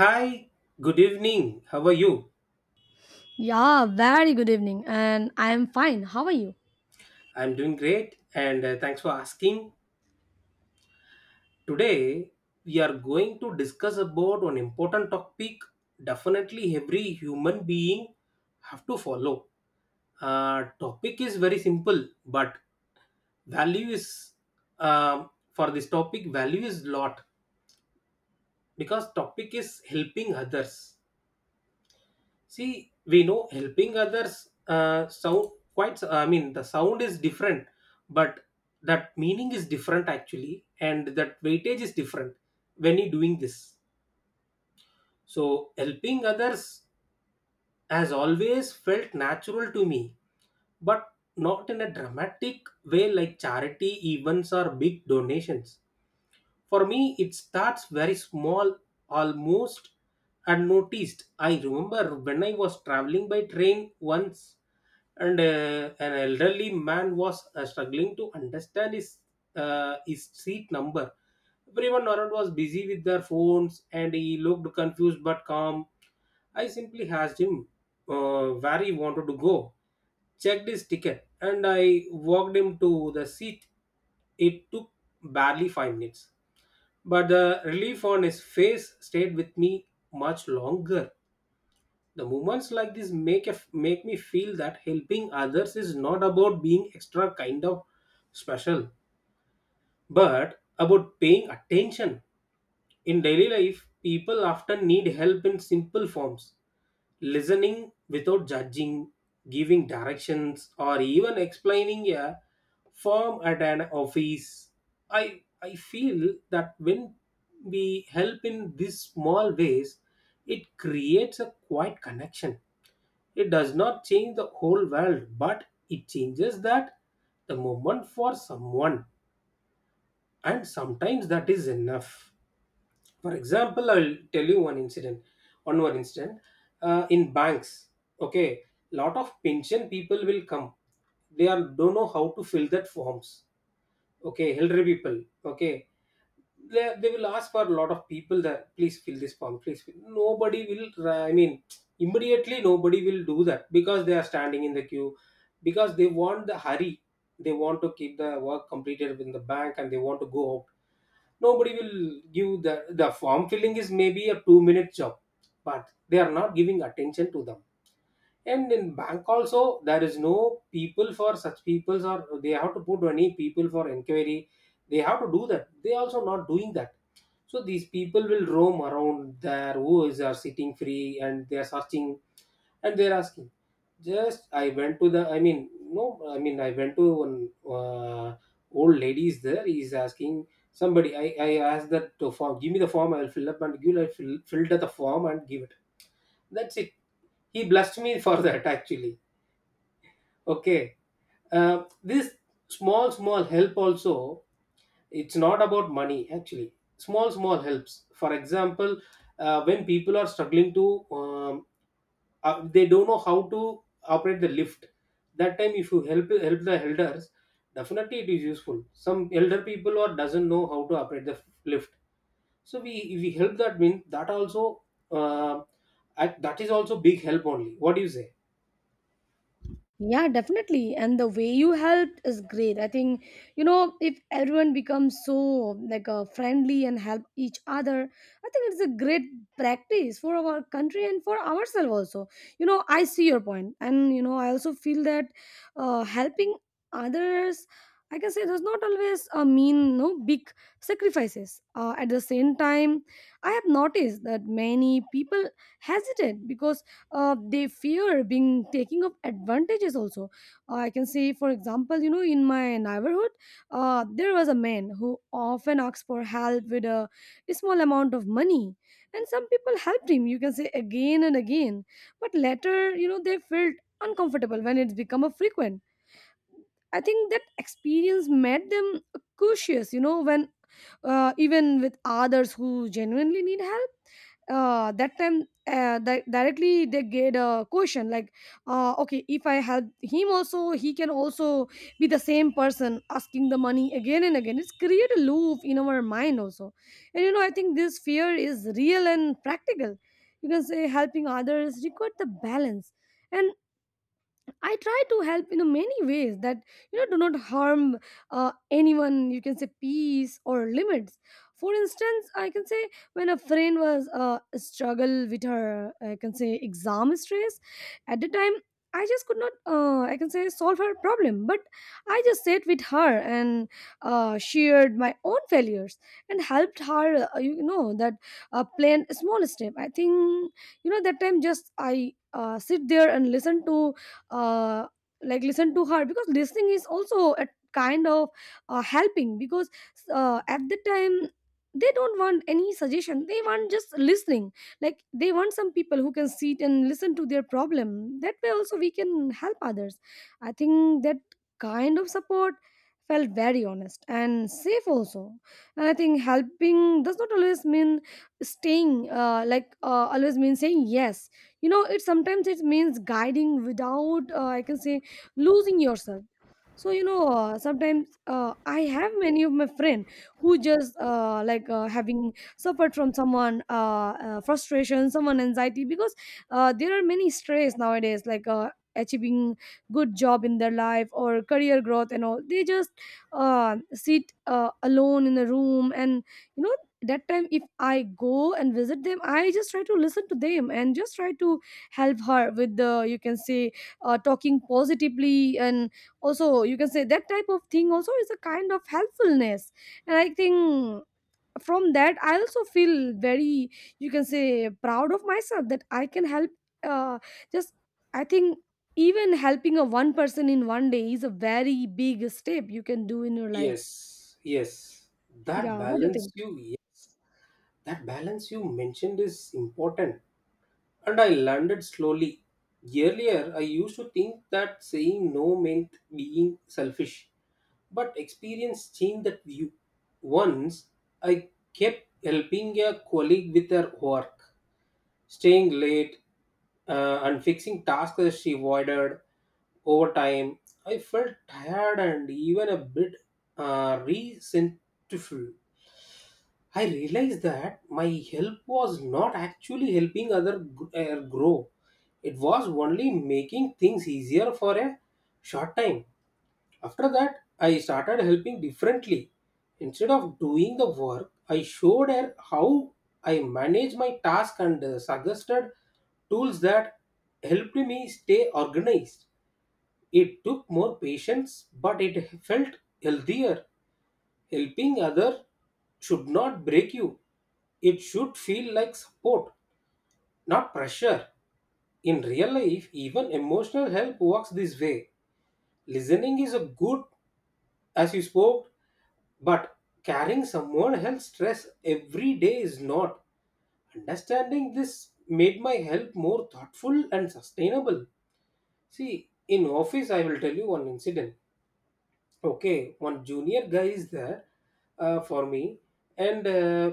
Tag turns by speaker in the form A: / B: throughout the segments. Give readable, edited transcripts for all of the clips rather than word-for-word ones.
A: Hi, good evening. How are you?
B: Yeah, very good evening, and I am fine. How are you?
A: I'm doing great and thanks for asking. Today we are going to discuss about an important topic definitely every human being have to follow. Topic is very simple but value is for this topic value is lot because topic is helping others. See, we know helping others sound quite, I mean, the sound is different, but that meaning is different actually, and that weightage is different when you're doing this. So, helping others has always felt natural to me, but not in a dramatic way like charity events or big donations. For me, it starts very small, almost unnoticed. I remember when I was traveling by train once, and an elderly man was struggling to understand his his seat number. Everyone around was busy with their phones, and he looked confused but calm. I simply asked him where he wanted to go, checked his ticket, and I walked him to the seat. It took barely 5 minutes, but the relief on his face stayed with me much longer. The moments like this make make me feel that helping others is not about being extra kind of special but about paying attention. In daily life, people often need help in simple forms: listening without judging, giving directions, or even explaining a form at an office. I feel that when we help in these small ways, it creates a quiet connection. It does not change the whole world, but it changes that the moment for someone, and sometimes that is enough. For example, I'll tell you one incident, one more incident, in banks. Okay, lot of pension people will come, they are don't know how to fill that forms. Okay, elderly people. Okay, they will ask for a lot of people that please fill this form, please fill. Nobody will immediately nobody will do that because they are standing in the queue, because they want the hurry, they want to keep the work completed in the bank and they want to go out. Nobody will give the form filling is maybe a 2 minute job, but they are not giving attention to them. And in bank also, there is no people for such peoples or they have to put any people for inquiry. They have to do that. They also not doing that. So these people will roam around there who is are sitting free and they are searching and they're asking. Just I went to the, I mean no, I mean I went to one old lady is there. He is asking somebody. I asked that to form. Give me the form. I'll fill up and give. I filled up the form and give it. That's it. He blessed me for that actually. Okay. This small, small help also, it's not about money actually. Small, small helps. For example, when people are struggling to, they don't know how to operate the lift. That time, if you help the elders, definitely it is useful. Some elder people or doesn't know how to operate the lift. So we if we help that means that also uh, that is also big help only. What do you say?
B: Yeah, definitely. And the way you helped is great. I think, you know, if everyone becomes so like friendly and help each other, I think it's a great practice for our country and for ourselves also. You know, I see your point. And, you know, I also feel that helping others, I can say, does not always mean, no, big sacrifices. At the same time, I have noticed that many people hesitate because they fear being taking of advantages also. I can say, for example, you know, in my neighborhood there was a man who often asked for help with a small amount of money, and some people helped him, you can say, again and again, but later, you know, they felt uncomfortable when it's become a frequent. I think that experience made them cautious, you know, when even with others who genuinely need help, that time, directly they get a question like, okay, if I help him also, he can also be the same person asking the money again and again. It's create a loop in our mind also. And you know, I think this fear is real and practical. You can say helping others require the balance, and I try to help in many ways that, you know, do not harm anyone. You can say peace or limits. For instance, I can say when a friend was struggle with her, I can say exam stress. At the time, I just could not. I can say solve her problem, but I just sat with her and shared my own failures and helped her. You know, that plan a small step. I think, you know, that time, just I sit there and listen to uh, listen to her, because listening is also a kind of helping, because at the time, they don't want any suggestion, they want just listening, like they want some people who can sit and listen to their problem. That way also we can help others. I think that kind of support felt very honest and safe also. And I think helping does not always mean staying always mean saying yes. You know, it sometimes it means guiding without, I can say, losing yourself. So you know, sometimes I have many of my friend who just, having suffered from someone frustration, someone anxiety, because there are many stress nowadays, like achieving good job in their life or career growth and all. They just sit alone in a room, and you know, that time if I go and visit them, I just try to listen to them and just try to help her with the, you can say, talking positively. And also, you can say that type of thing also is a kind of helpfulness. And I think from that, I also feel very, you can say, proud of myself that I can help. Uh, just I think even helping a one person in one day is a very big step you can do in your life.
A: Yes, yes. That
B: Yeah, what do you
A: balance
B: think?
A: you That balance you mentioned is important, and I learned it slowly. Earlier, I used to think that saying no meant being selfish, but experience changed that view. Once, I kept helping a colleague with her work, staying late, and fixing tasks that she avoided over time. I felt tired and even a bit resentful. I realized that my help was not actually helping other grow. It was only making things easier for a short time. After that, I started helping differently. Instead of doing the work, I showed her how I manage my task and suggested tools that helped me stay organized. It took more patience, but it felt healthier. Helping other should not break you. It should feel like support, not pressure. In real life, even emotional help works this way. Listening is a good, as you spoke, but carrying someone else's stress every day is not. Understanding this made my help more thoughtful and sustainable. See, in office I will tell you one incident. Okay, one junior guy is there for me, and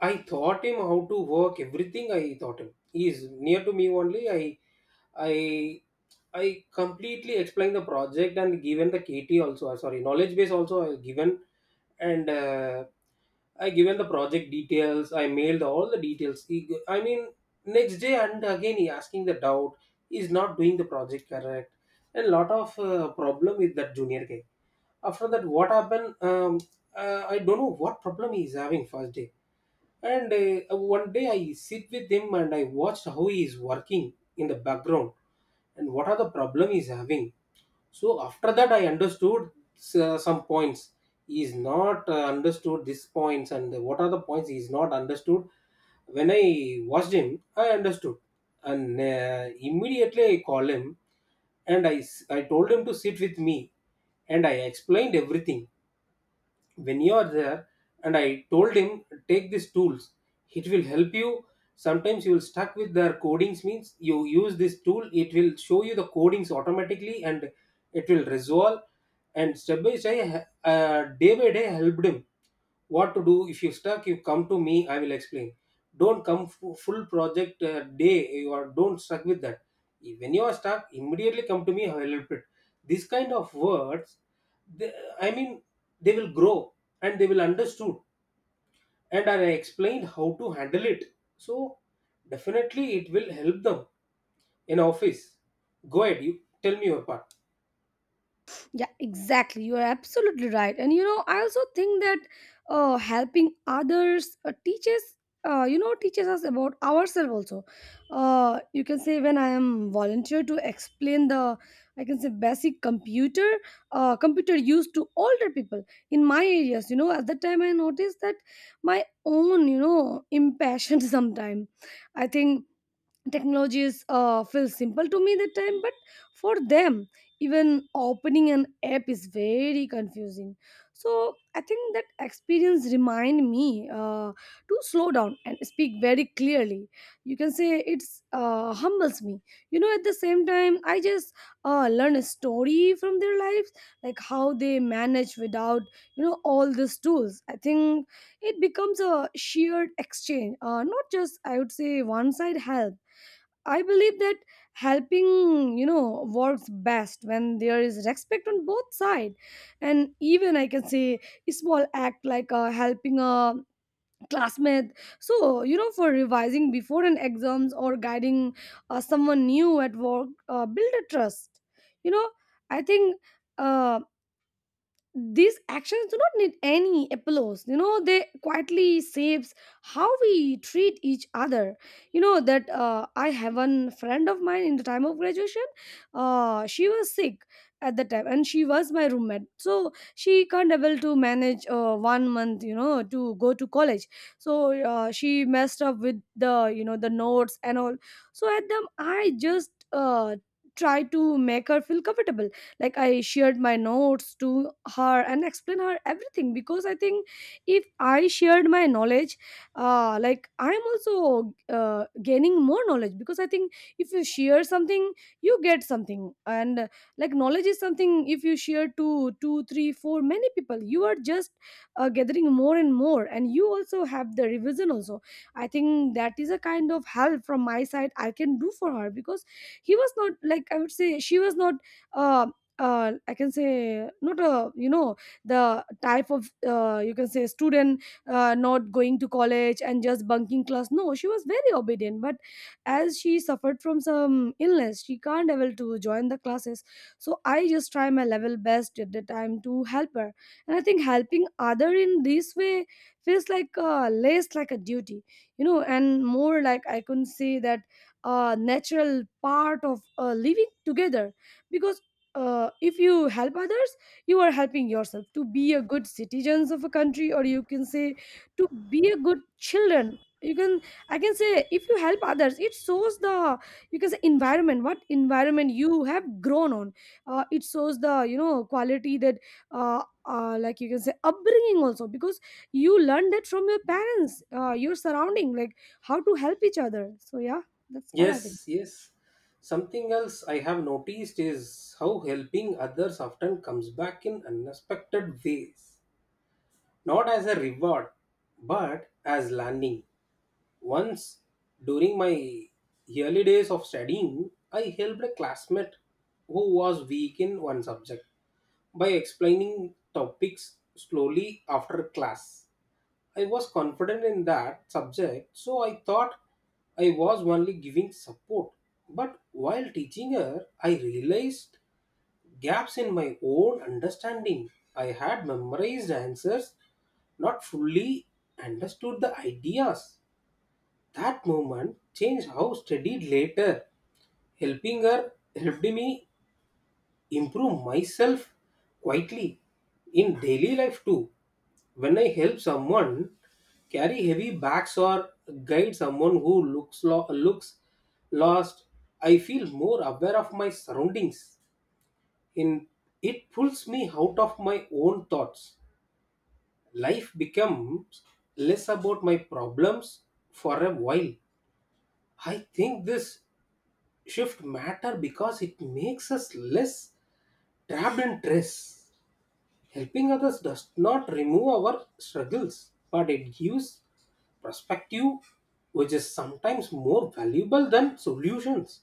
A: I taught him how to work, everything I taught him. He is near to me only. I i i completely explained the project and given the KT also, sorry, knowledge base also I given. And I given the project details, I mailed all the details. He, g- I mean next day and again he asking the doubt, he's not doing the project correct, and lot of problem with that junior guy. After that, what happened? I don't know what problem he is having first day. And one day I sit with him and I watched how he is working in the background and what are the problem he's having. So after that I understood some points he is not understood these points, and what are the points he is not understood, when I watched him I understood. And immediately I called him and I told him to sit with me and I explained everything. When you are there, and I told him take these tools, it will help you. Sometimes you will stuck with their codings means you use this tool, it will show you the codings automatically and it will resolve. And step by step, day by day I helped him, what to do if you stuck you come to me, I will explain. Don't come full project day you are don't stuck with that. When you are stuck, immediately come to me, I will help it. This kind of words, they, I mean, they will grow and they will understood, and are explained how to handle it. So definitely it will help them in office. Go ahead, you tell me your part.
B: Yeah, exactly. You are absolutely right. And you know, I also think that helping others teaches, you know, teaches us about ourselves also. You can say when I am volunteer to explain the, I can say, basic computer, computer use to older people in my areas. You know, at that time I noticed that my own, you know, impassioned sometime. I think technology is feels simple to me that time, but for them, even opening an app is very confusing. So I think that experience remind me to slow down and speak very clearly, you can say. It's humbles me. You know, at the same time, I just learn a story from their lives, like how they manage without, you know, all these tools. I think it becomes a shared exchange, not just, I would say, one side help. I believe that helping, you know, works best when there is respect on both sides. And even, I can say, a small act like helping a classmate. So, you know, for revising before an exams, or guiding someone new at work, build a trust. You know, I think. Uh, these actions do not need any applause. You know, they quietly shapes how we treat each other. You know that, I have one friend of mine in the time of graduation. She was sick at the time, and she was my roommate, so she can't able to manage one month, you know, to go to college. So she messed up with the, you know, the notes and all. So at them, I just try to make her feel comfortable. Like, I shared my notes to her and explained her everything, because I think if I shared my knowledge, I'm also gaining more knowledge, because I think if you share something, you get something. And knowledge is something. If you share to two three four many people, you are just gathering more and more, and you also have the revision also. I think that is a kind of help from my side I can do for her, because he was not, like, I would say, she was not, um I can say, not a, you know, the type of, you can say, student, not going to college and just bunking class. No, she was very obedient, but as she suffered from some illness, she can't able to join the classes. So I just try my level best at the time to help her, and I think helping other in this way feels like, less like a duty, you know, and more like, I can say, that a natural part of living together. Because if you help others, you are helping yourself to be a good citizens of a country, or you can say, to be a good children. You can, I can say, if you help others, it shows the, you can say, environment, what environment you have grown on. It shows the, you know, quality that, you can say upbringing also, because you learned that from your parents, your surrounding, like how to help each other. So yeah, that's all I think.
A: Yes, yes. Something else I have noticed is how helping others often comes back in unexpected ways, not as a reward, but as learning. Once, during my early days of studying, I helped a classmate who was weak in one subject by explaining topics slowly after class. I was confident in that subject, so I thought I was only giving support. But while teaching her, I realized gaps in my own understanding. I had memorized answers, not fully understood the ideas. That moment changed how I studied later. Helping her helped me improve myself quietly. In daily life too, when I help someone carry heavy bags or guide someone who looks lost, I feel more aware of my surroundings. In It pulls me out of my own thoughts. Life becomes less about my problems for a while. I think this shift matter because it makes us less trapped in stress. Helping others does not remove our struggles, but it gives perspective, which is sometimes more valuable than solutions.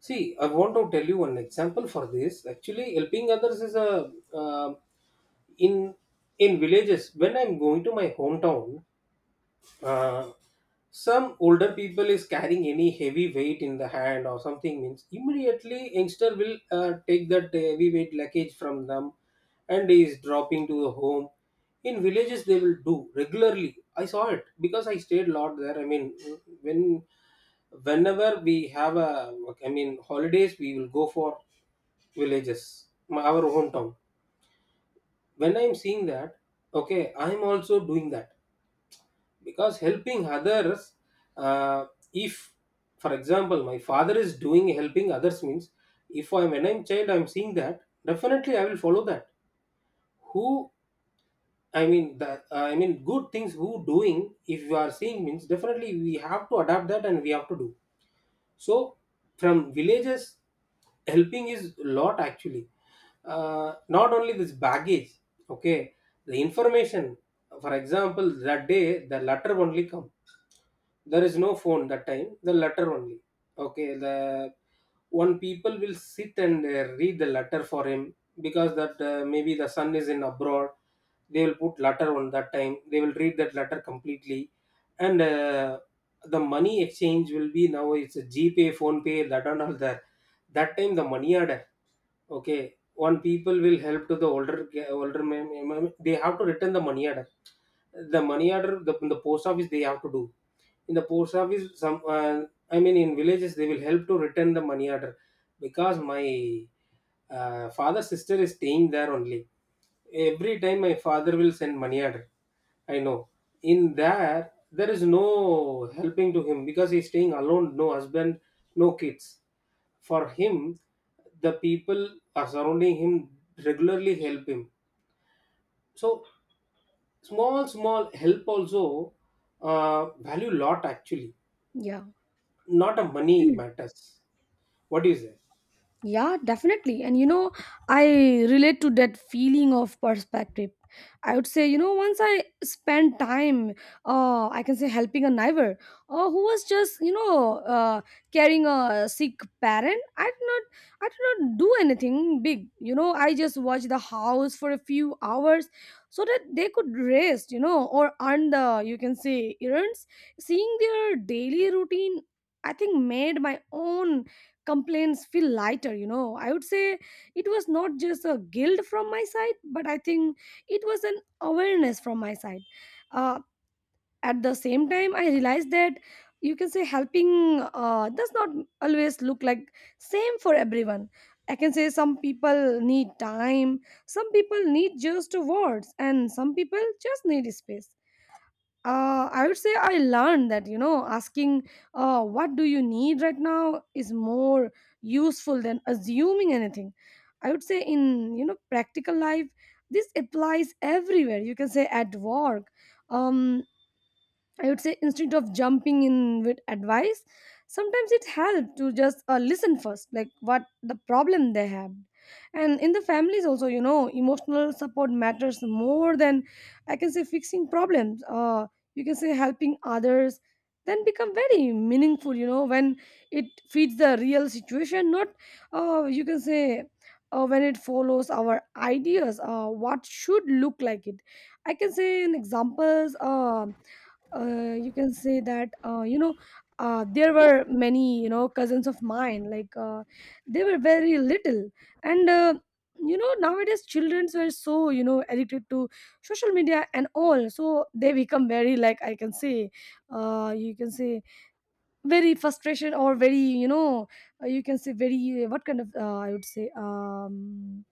A: See, I want to tell you one example for this. Actually, helping others is a, in in villages, when I'm going to my hometown, uh, some older people is carrying any heavy weight in the hand or something means immediately youngster will take that heavy weight luggage from them and is dropping to the home. In villages they will do regularly, I saw it because I stayed a lot there, I mean when whenever we have a, I mean holidays, we will go for villages, our hometown. When I'm seeing that, okay, I'm also doing that, because helping others, uh, if for example my father is doing helping others means, if I'm when I'm child I'm seeing that, definitely I will follow that. Who i mean that uh, i mean good things who doing if you are seeing means definitely we have to adapt that and we have to do. So from villages, helping is lot actually, not only this baggage. Okay, the information, for example, that day the letter only comes, there is no phone that time, the letter only. Okay, the one people will sit and read the letter for him, because that maybe the son is in abroad. They will put letter on, that time they will read that letter completely. And the money exchange will be, now it's a GPay, phone pay that and all there, that time the money order. Okay, one people will help to the older they have to return the money order. The money order in the post office they have to do. In the post office, some in villages they will help to return the money order because my father sister is staying there only. Every time my father will send money order. I know. In there, there is no helping to him because he's staying alone, no husband, no kids for him, the people are surrounding him, regularly help him. So small small help also value lot actually,
B: Yeah.
A: not a money matters. What do you say?
B: Yeah, definitely. And you know, I relate to that feeling of perspective. I would say, you know, once I spent time, I can say, helping a neighbor who was just, you know, carrying a sick parent. I did not do anything big. You know, I just watched the house for a few hours so that they could rest, you know, or earn the, you can say, errands. Seeing their daily routine, I think, made my own complaints feel lighter. You know, I would say it was not just a guilt from my side, but I think it was an awareness from my side. uh, at the same time, I realized that, you can say, helping does not always look like same for everyone. I can say, some people need time, some people need just words, and some people just need space. I would say I learned that, you know, asking, what do you need right now, is more useful than assuming anything. I would say in, you know, practical life, this applies everywhere. You can say at work. Um, I would say instead of jumping in with advice, sometimes it helps to just listen first, like what the problem they have. And in the families also, you know, emotional support matters more than, I can say, fixing problems. You can say helping others then become very meaningful, you know, when it feeds the real situation, not you can say when it follows our ideas, what should look like it. I can say in examples. You can say that, there were many, cousins of mine, like, they were very little. And nowadays childrens were so, addicted to social media and all, so they become very, like, I can say, you can say, very frustration or very, you can say very, what kind of, I would say,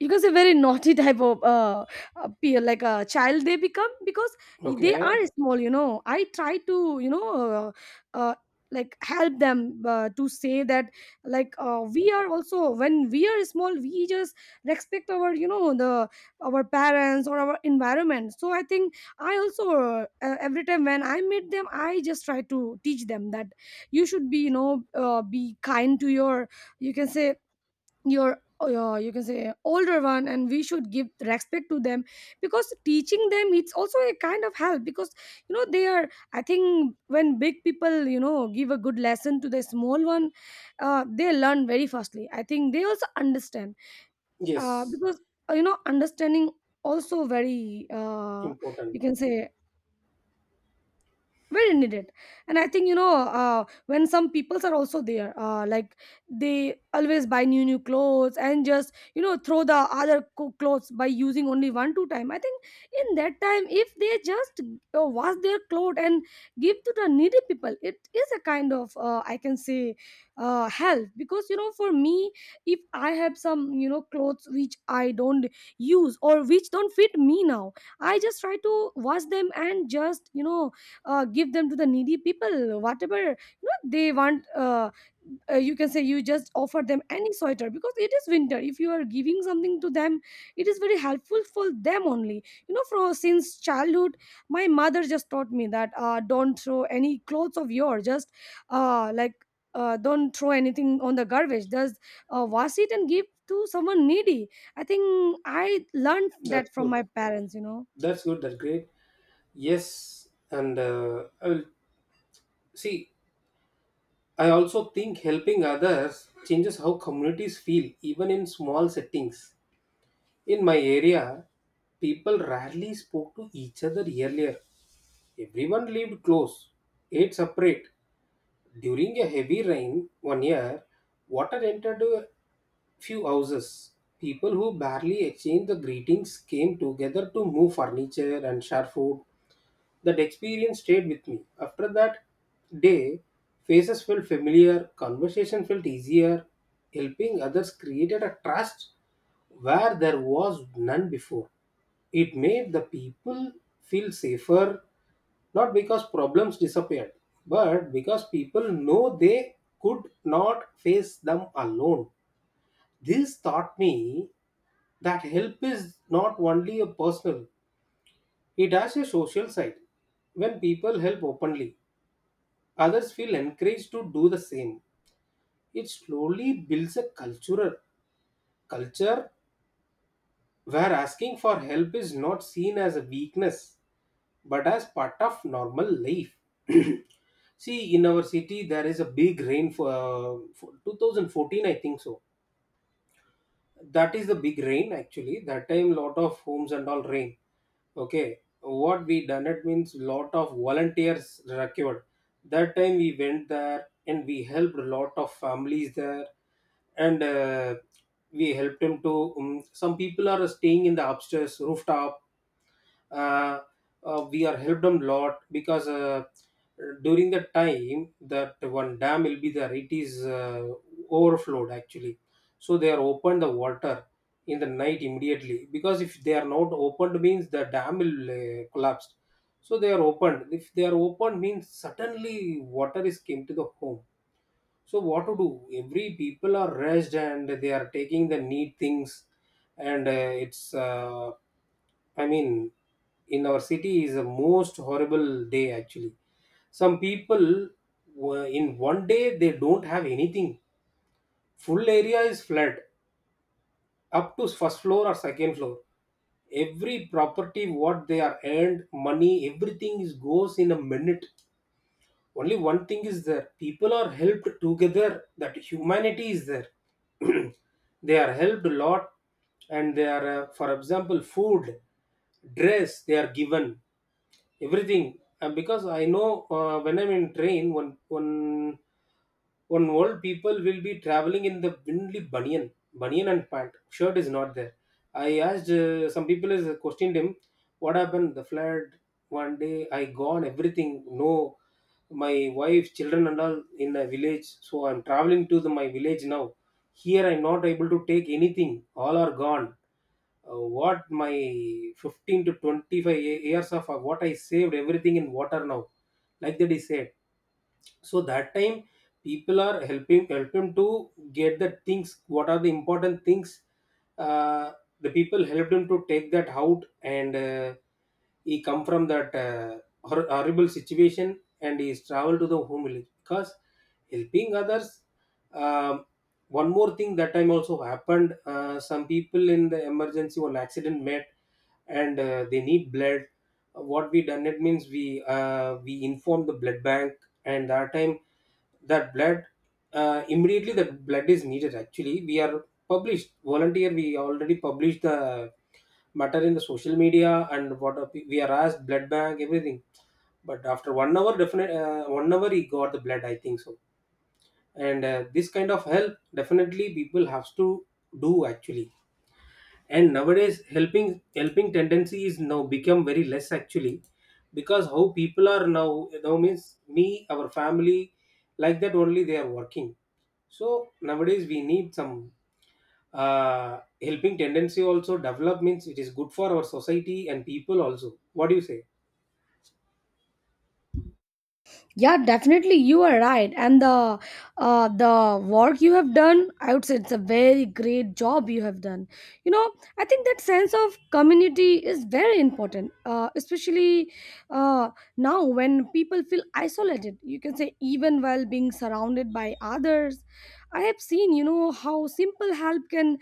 B: you can say very naughty type of, peer, like a child, they become. Because they
A: Okay.
B: are small, I try to, uh, like help them, to say that, like, we are also, when we are small, we just respect our, the our parents or our environment. So I think I also, every time when I meet them, I just try to teach them that you should be, be kind to your, you can say, your, yeah, you can say older one, and we should give respect to them, because teaching them, it's also a kind of help. Because they are, I think, when big people, give a good lesson to the small one, they learn very fastly. I think they also understand,
A: Yes,
B: because, understanding also very, you
A: important.
B: can say very needed. And I think, when some peoples are also there, like, they always buy new new clothes and just, throw the other clothes by using only one two time, I think. In that time, if they just, wash their clothes and give to the needy people, it is a kind of, I can say, help. Because, for me, if I have some, clothes which I don't use or which don't fit me now, I just try to wash them and just, give them to the needy people, whatever they want. You can say you just offer them any sweater because it is winter. If you are giving something to them, it is very helpful for them only. From since childhood, my mother just taught me that, don't throw any clothes of yours, just, like, don't throw anything on the garbage, just, wash it and give to someone needy. I think I learned
A: That's
B: that from
A: good.
B: my parents.
A: That's good, that's great. Yes, and I will see. I also think helping others changes how communities feel even in small settings. In my area, people rarely spoke to each other earlier. Everyone lived close, ate separate. During a heavy rain one year, water entered a few houses. People who barely exchanged the greetings came together to move furniture and share food. That experience stayed with me. After that day, faces felt familiar, conversation felt easier, helping others created a trust where there was none before. It made the people feel safer, not because problems disappeared, but because people know they could not face them alone. This taught me that help is not only a personal, it has a social side. When people help openly, others feel encouraged to do the same. It slowly builds a cultural culture where asking for help is not seen as a weakness but as part of normal life. See, in our city, there is a big rain for 2014, I think so. That is the big rain actually. That time, lot of homes and all rain. Okay, what we done it means lot of volunteers required. That time we went there and we helped a lot of families there, and we helped them to. Some people are staying in the upstairs rooftop. uh, we are helped a lot because during the time that one dam will be there, it is overflowed actually. So they are opened the water in the night immediately, because if they are not opened means the dam will collapse. So they are opened. If they are opened means suddenly water is came to the home. So what to do? Every people are rushed and they are taking the neat things, and it's. I mean, in our city is a most horrible day actually. Some people in one day they don't have anything. Full area is flood up to first floor or second floor. Every property what they are earned money everything is goes in a minute. Only one thing is there, people are helped together, that humanity is there. They are helped a lot, and they are for example food, dress they are given, everything. And because I know, when I'm in train, one old people will be traveling in the only bunian, bunian and pant. Shirt is not there. I asked some people, is questioned him, what happened? The flood. One day I gone everything. No, my wife, children and all in a village. So I'm traveling to the, my village now. Here I'm not able to take anything. All are gone. What my 15 to 25 years of what I saved everything in water now, like that he said. So that time people are helping, help him to get the things, what are the important things. uh, the people helped him to take that out, and he come from that horrible situation and he's traveled to the home village because helping others. Um, one more thing that time also happened. Some people in the emergency one accident met, and they need blood. What we done it means we inform the blood bank. And that time that blood, immediately the blood is needed actually. We are published volunteer, we already published the matter in the social media, and what are we are asked blood bank everything. But after 1 hour, definite 1 hour he got the blood I think so. And this kind of help definitely people have to do actually. And nowadays helping tendency is now become very less actually, because how people are now, means me our family, like that only they are working. So nowadays we need some helping tendency also develop means it is good for our society and people also. What do you say?
B: Yeah, definitely, you are right. And the, the work you have done, I would say it's a very great job you have done. You know, I think that sense of community is very important, especially, uh, now when people feel isolated. You can say even while being surrounded by others. I have seen, you know, how simple help can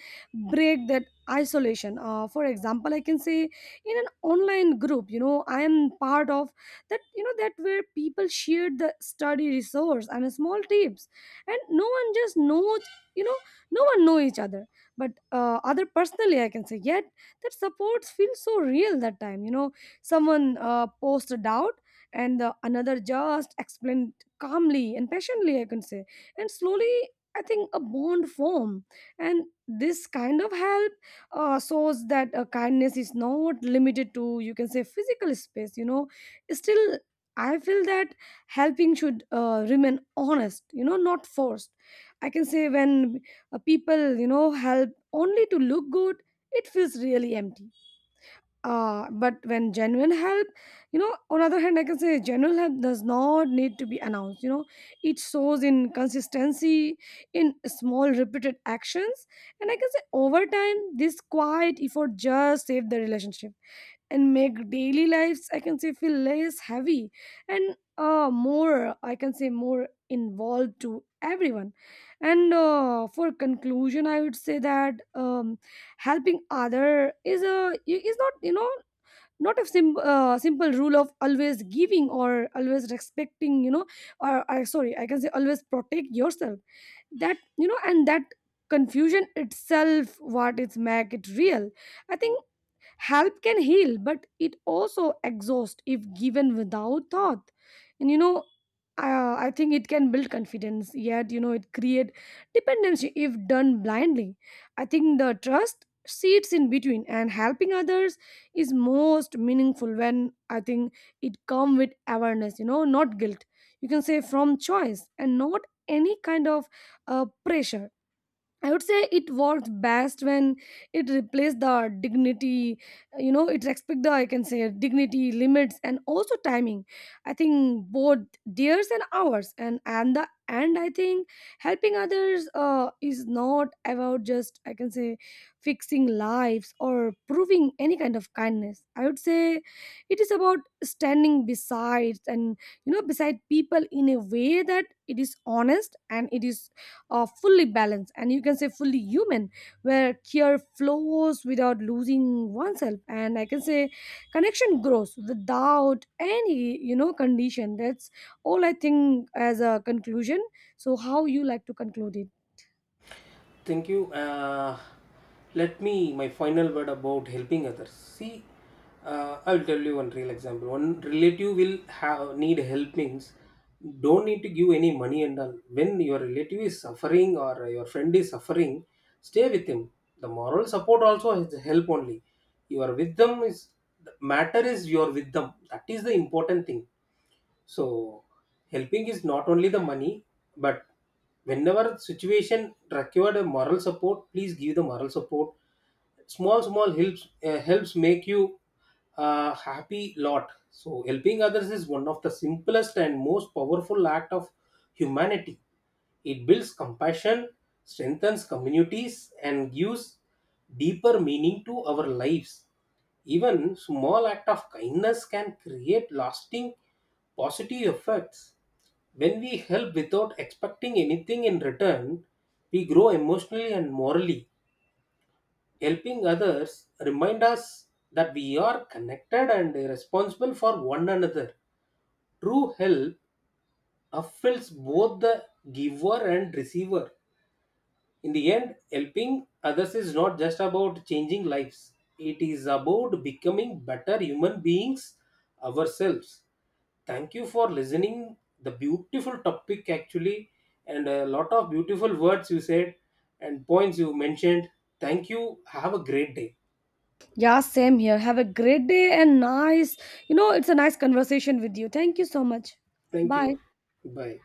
B: break that isolation. For example, I can say, in an online group, you know, I am part of that, that where people shared the study resource and small tips, and no one just knows, no one know each other. But, other personally, I can say, yet that supports feel so real. That time, someone, posts a doubt, and the, another just explained calmly and patiently, I can say, and slowly I think a bond form. And this kind of help, shows that, kindness is not limited to, you can say, physical space. Still, I feel that helping should, remain honest, you know, not forced. I can say when, people, you know, help only to look good, it feels really empty. But when genuine help, you know, on other hand, I can say genuine help does not need to be announced. You know, it shows in consistency, in small repeated actions, and I can say over time, this quiet effort just saved the relationship and make daily lives, I can say, feel less heavy and, more, I can say, more involved to everyone. And, for conclusion, I would say that, helping other is a is not, not a simple rule of always giving or always respecting, or I, sorry, I can say always protect yourself. That, and that confusion itself, what it's make it real, I think. Help can heal, but it also exhausts if given without thought. And, you know, I think it can build confidence, yet, you know, it create dependency if done blindly. I think the trust sits in between, and helping others is most meaningful when, I think, it come with awareness, you know, not guilt. You can say from choice and not any kind of, pressure. I would say it worked best when it replaced the dignity, you know, it respect the, I can say, dignity limits and also timing. I think both theirs and ours, and the, and I think helping others, is not about just, I can say, fixing lives or proving any kind of kindness. I would say it is about standing beside and, beside people in a way that it is honest and it is, fully balanced and, you can say, fully human, where care flows without losing oneself, and I can say connection grows without any, condition. That's all, I think, as a conclusion. So how you like to conclude it?
A: Thank you. Let me my final word about helping others. See, I'll tell you one real example. One relative will have need help means don't need to give any money and all. When your relative is suffering or your friend is suffering, stay with him. The moral support also is help only. You are with them, is the matter, is you are with them, that is the important thing. So helping is not only the money, but whenever situation required a moral support, please give the moral support. Small small helps helps make you a happy lot. So helping others is one of the simplest and most powerful act of humanity. It builds compassion, strengthens communities, and gives deeper meaning to our lives. Even small act of kindness can create lasting positive effects. When we help without expecting anything in return, we grow emotionally and morally. Helping others remind us that we are connected and responsible for one another. True help fulfills both the giver and receiver. In the end, helping others is not just about changing lives, it is about becoming better human beings ourselves. Thank you for listening. The beautiful topic, actually, and a lot of beautiful words you said and points you mentioned. Thank you. Have a great day.
B: Yeah, same here, have a great day. And nice, you know, it's a nice conversation with you. Thank you so much.
A: Thank
B: Bye.
A: you. Bye.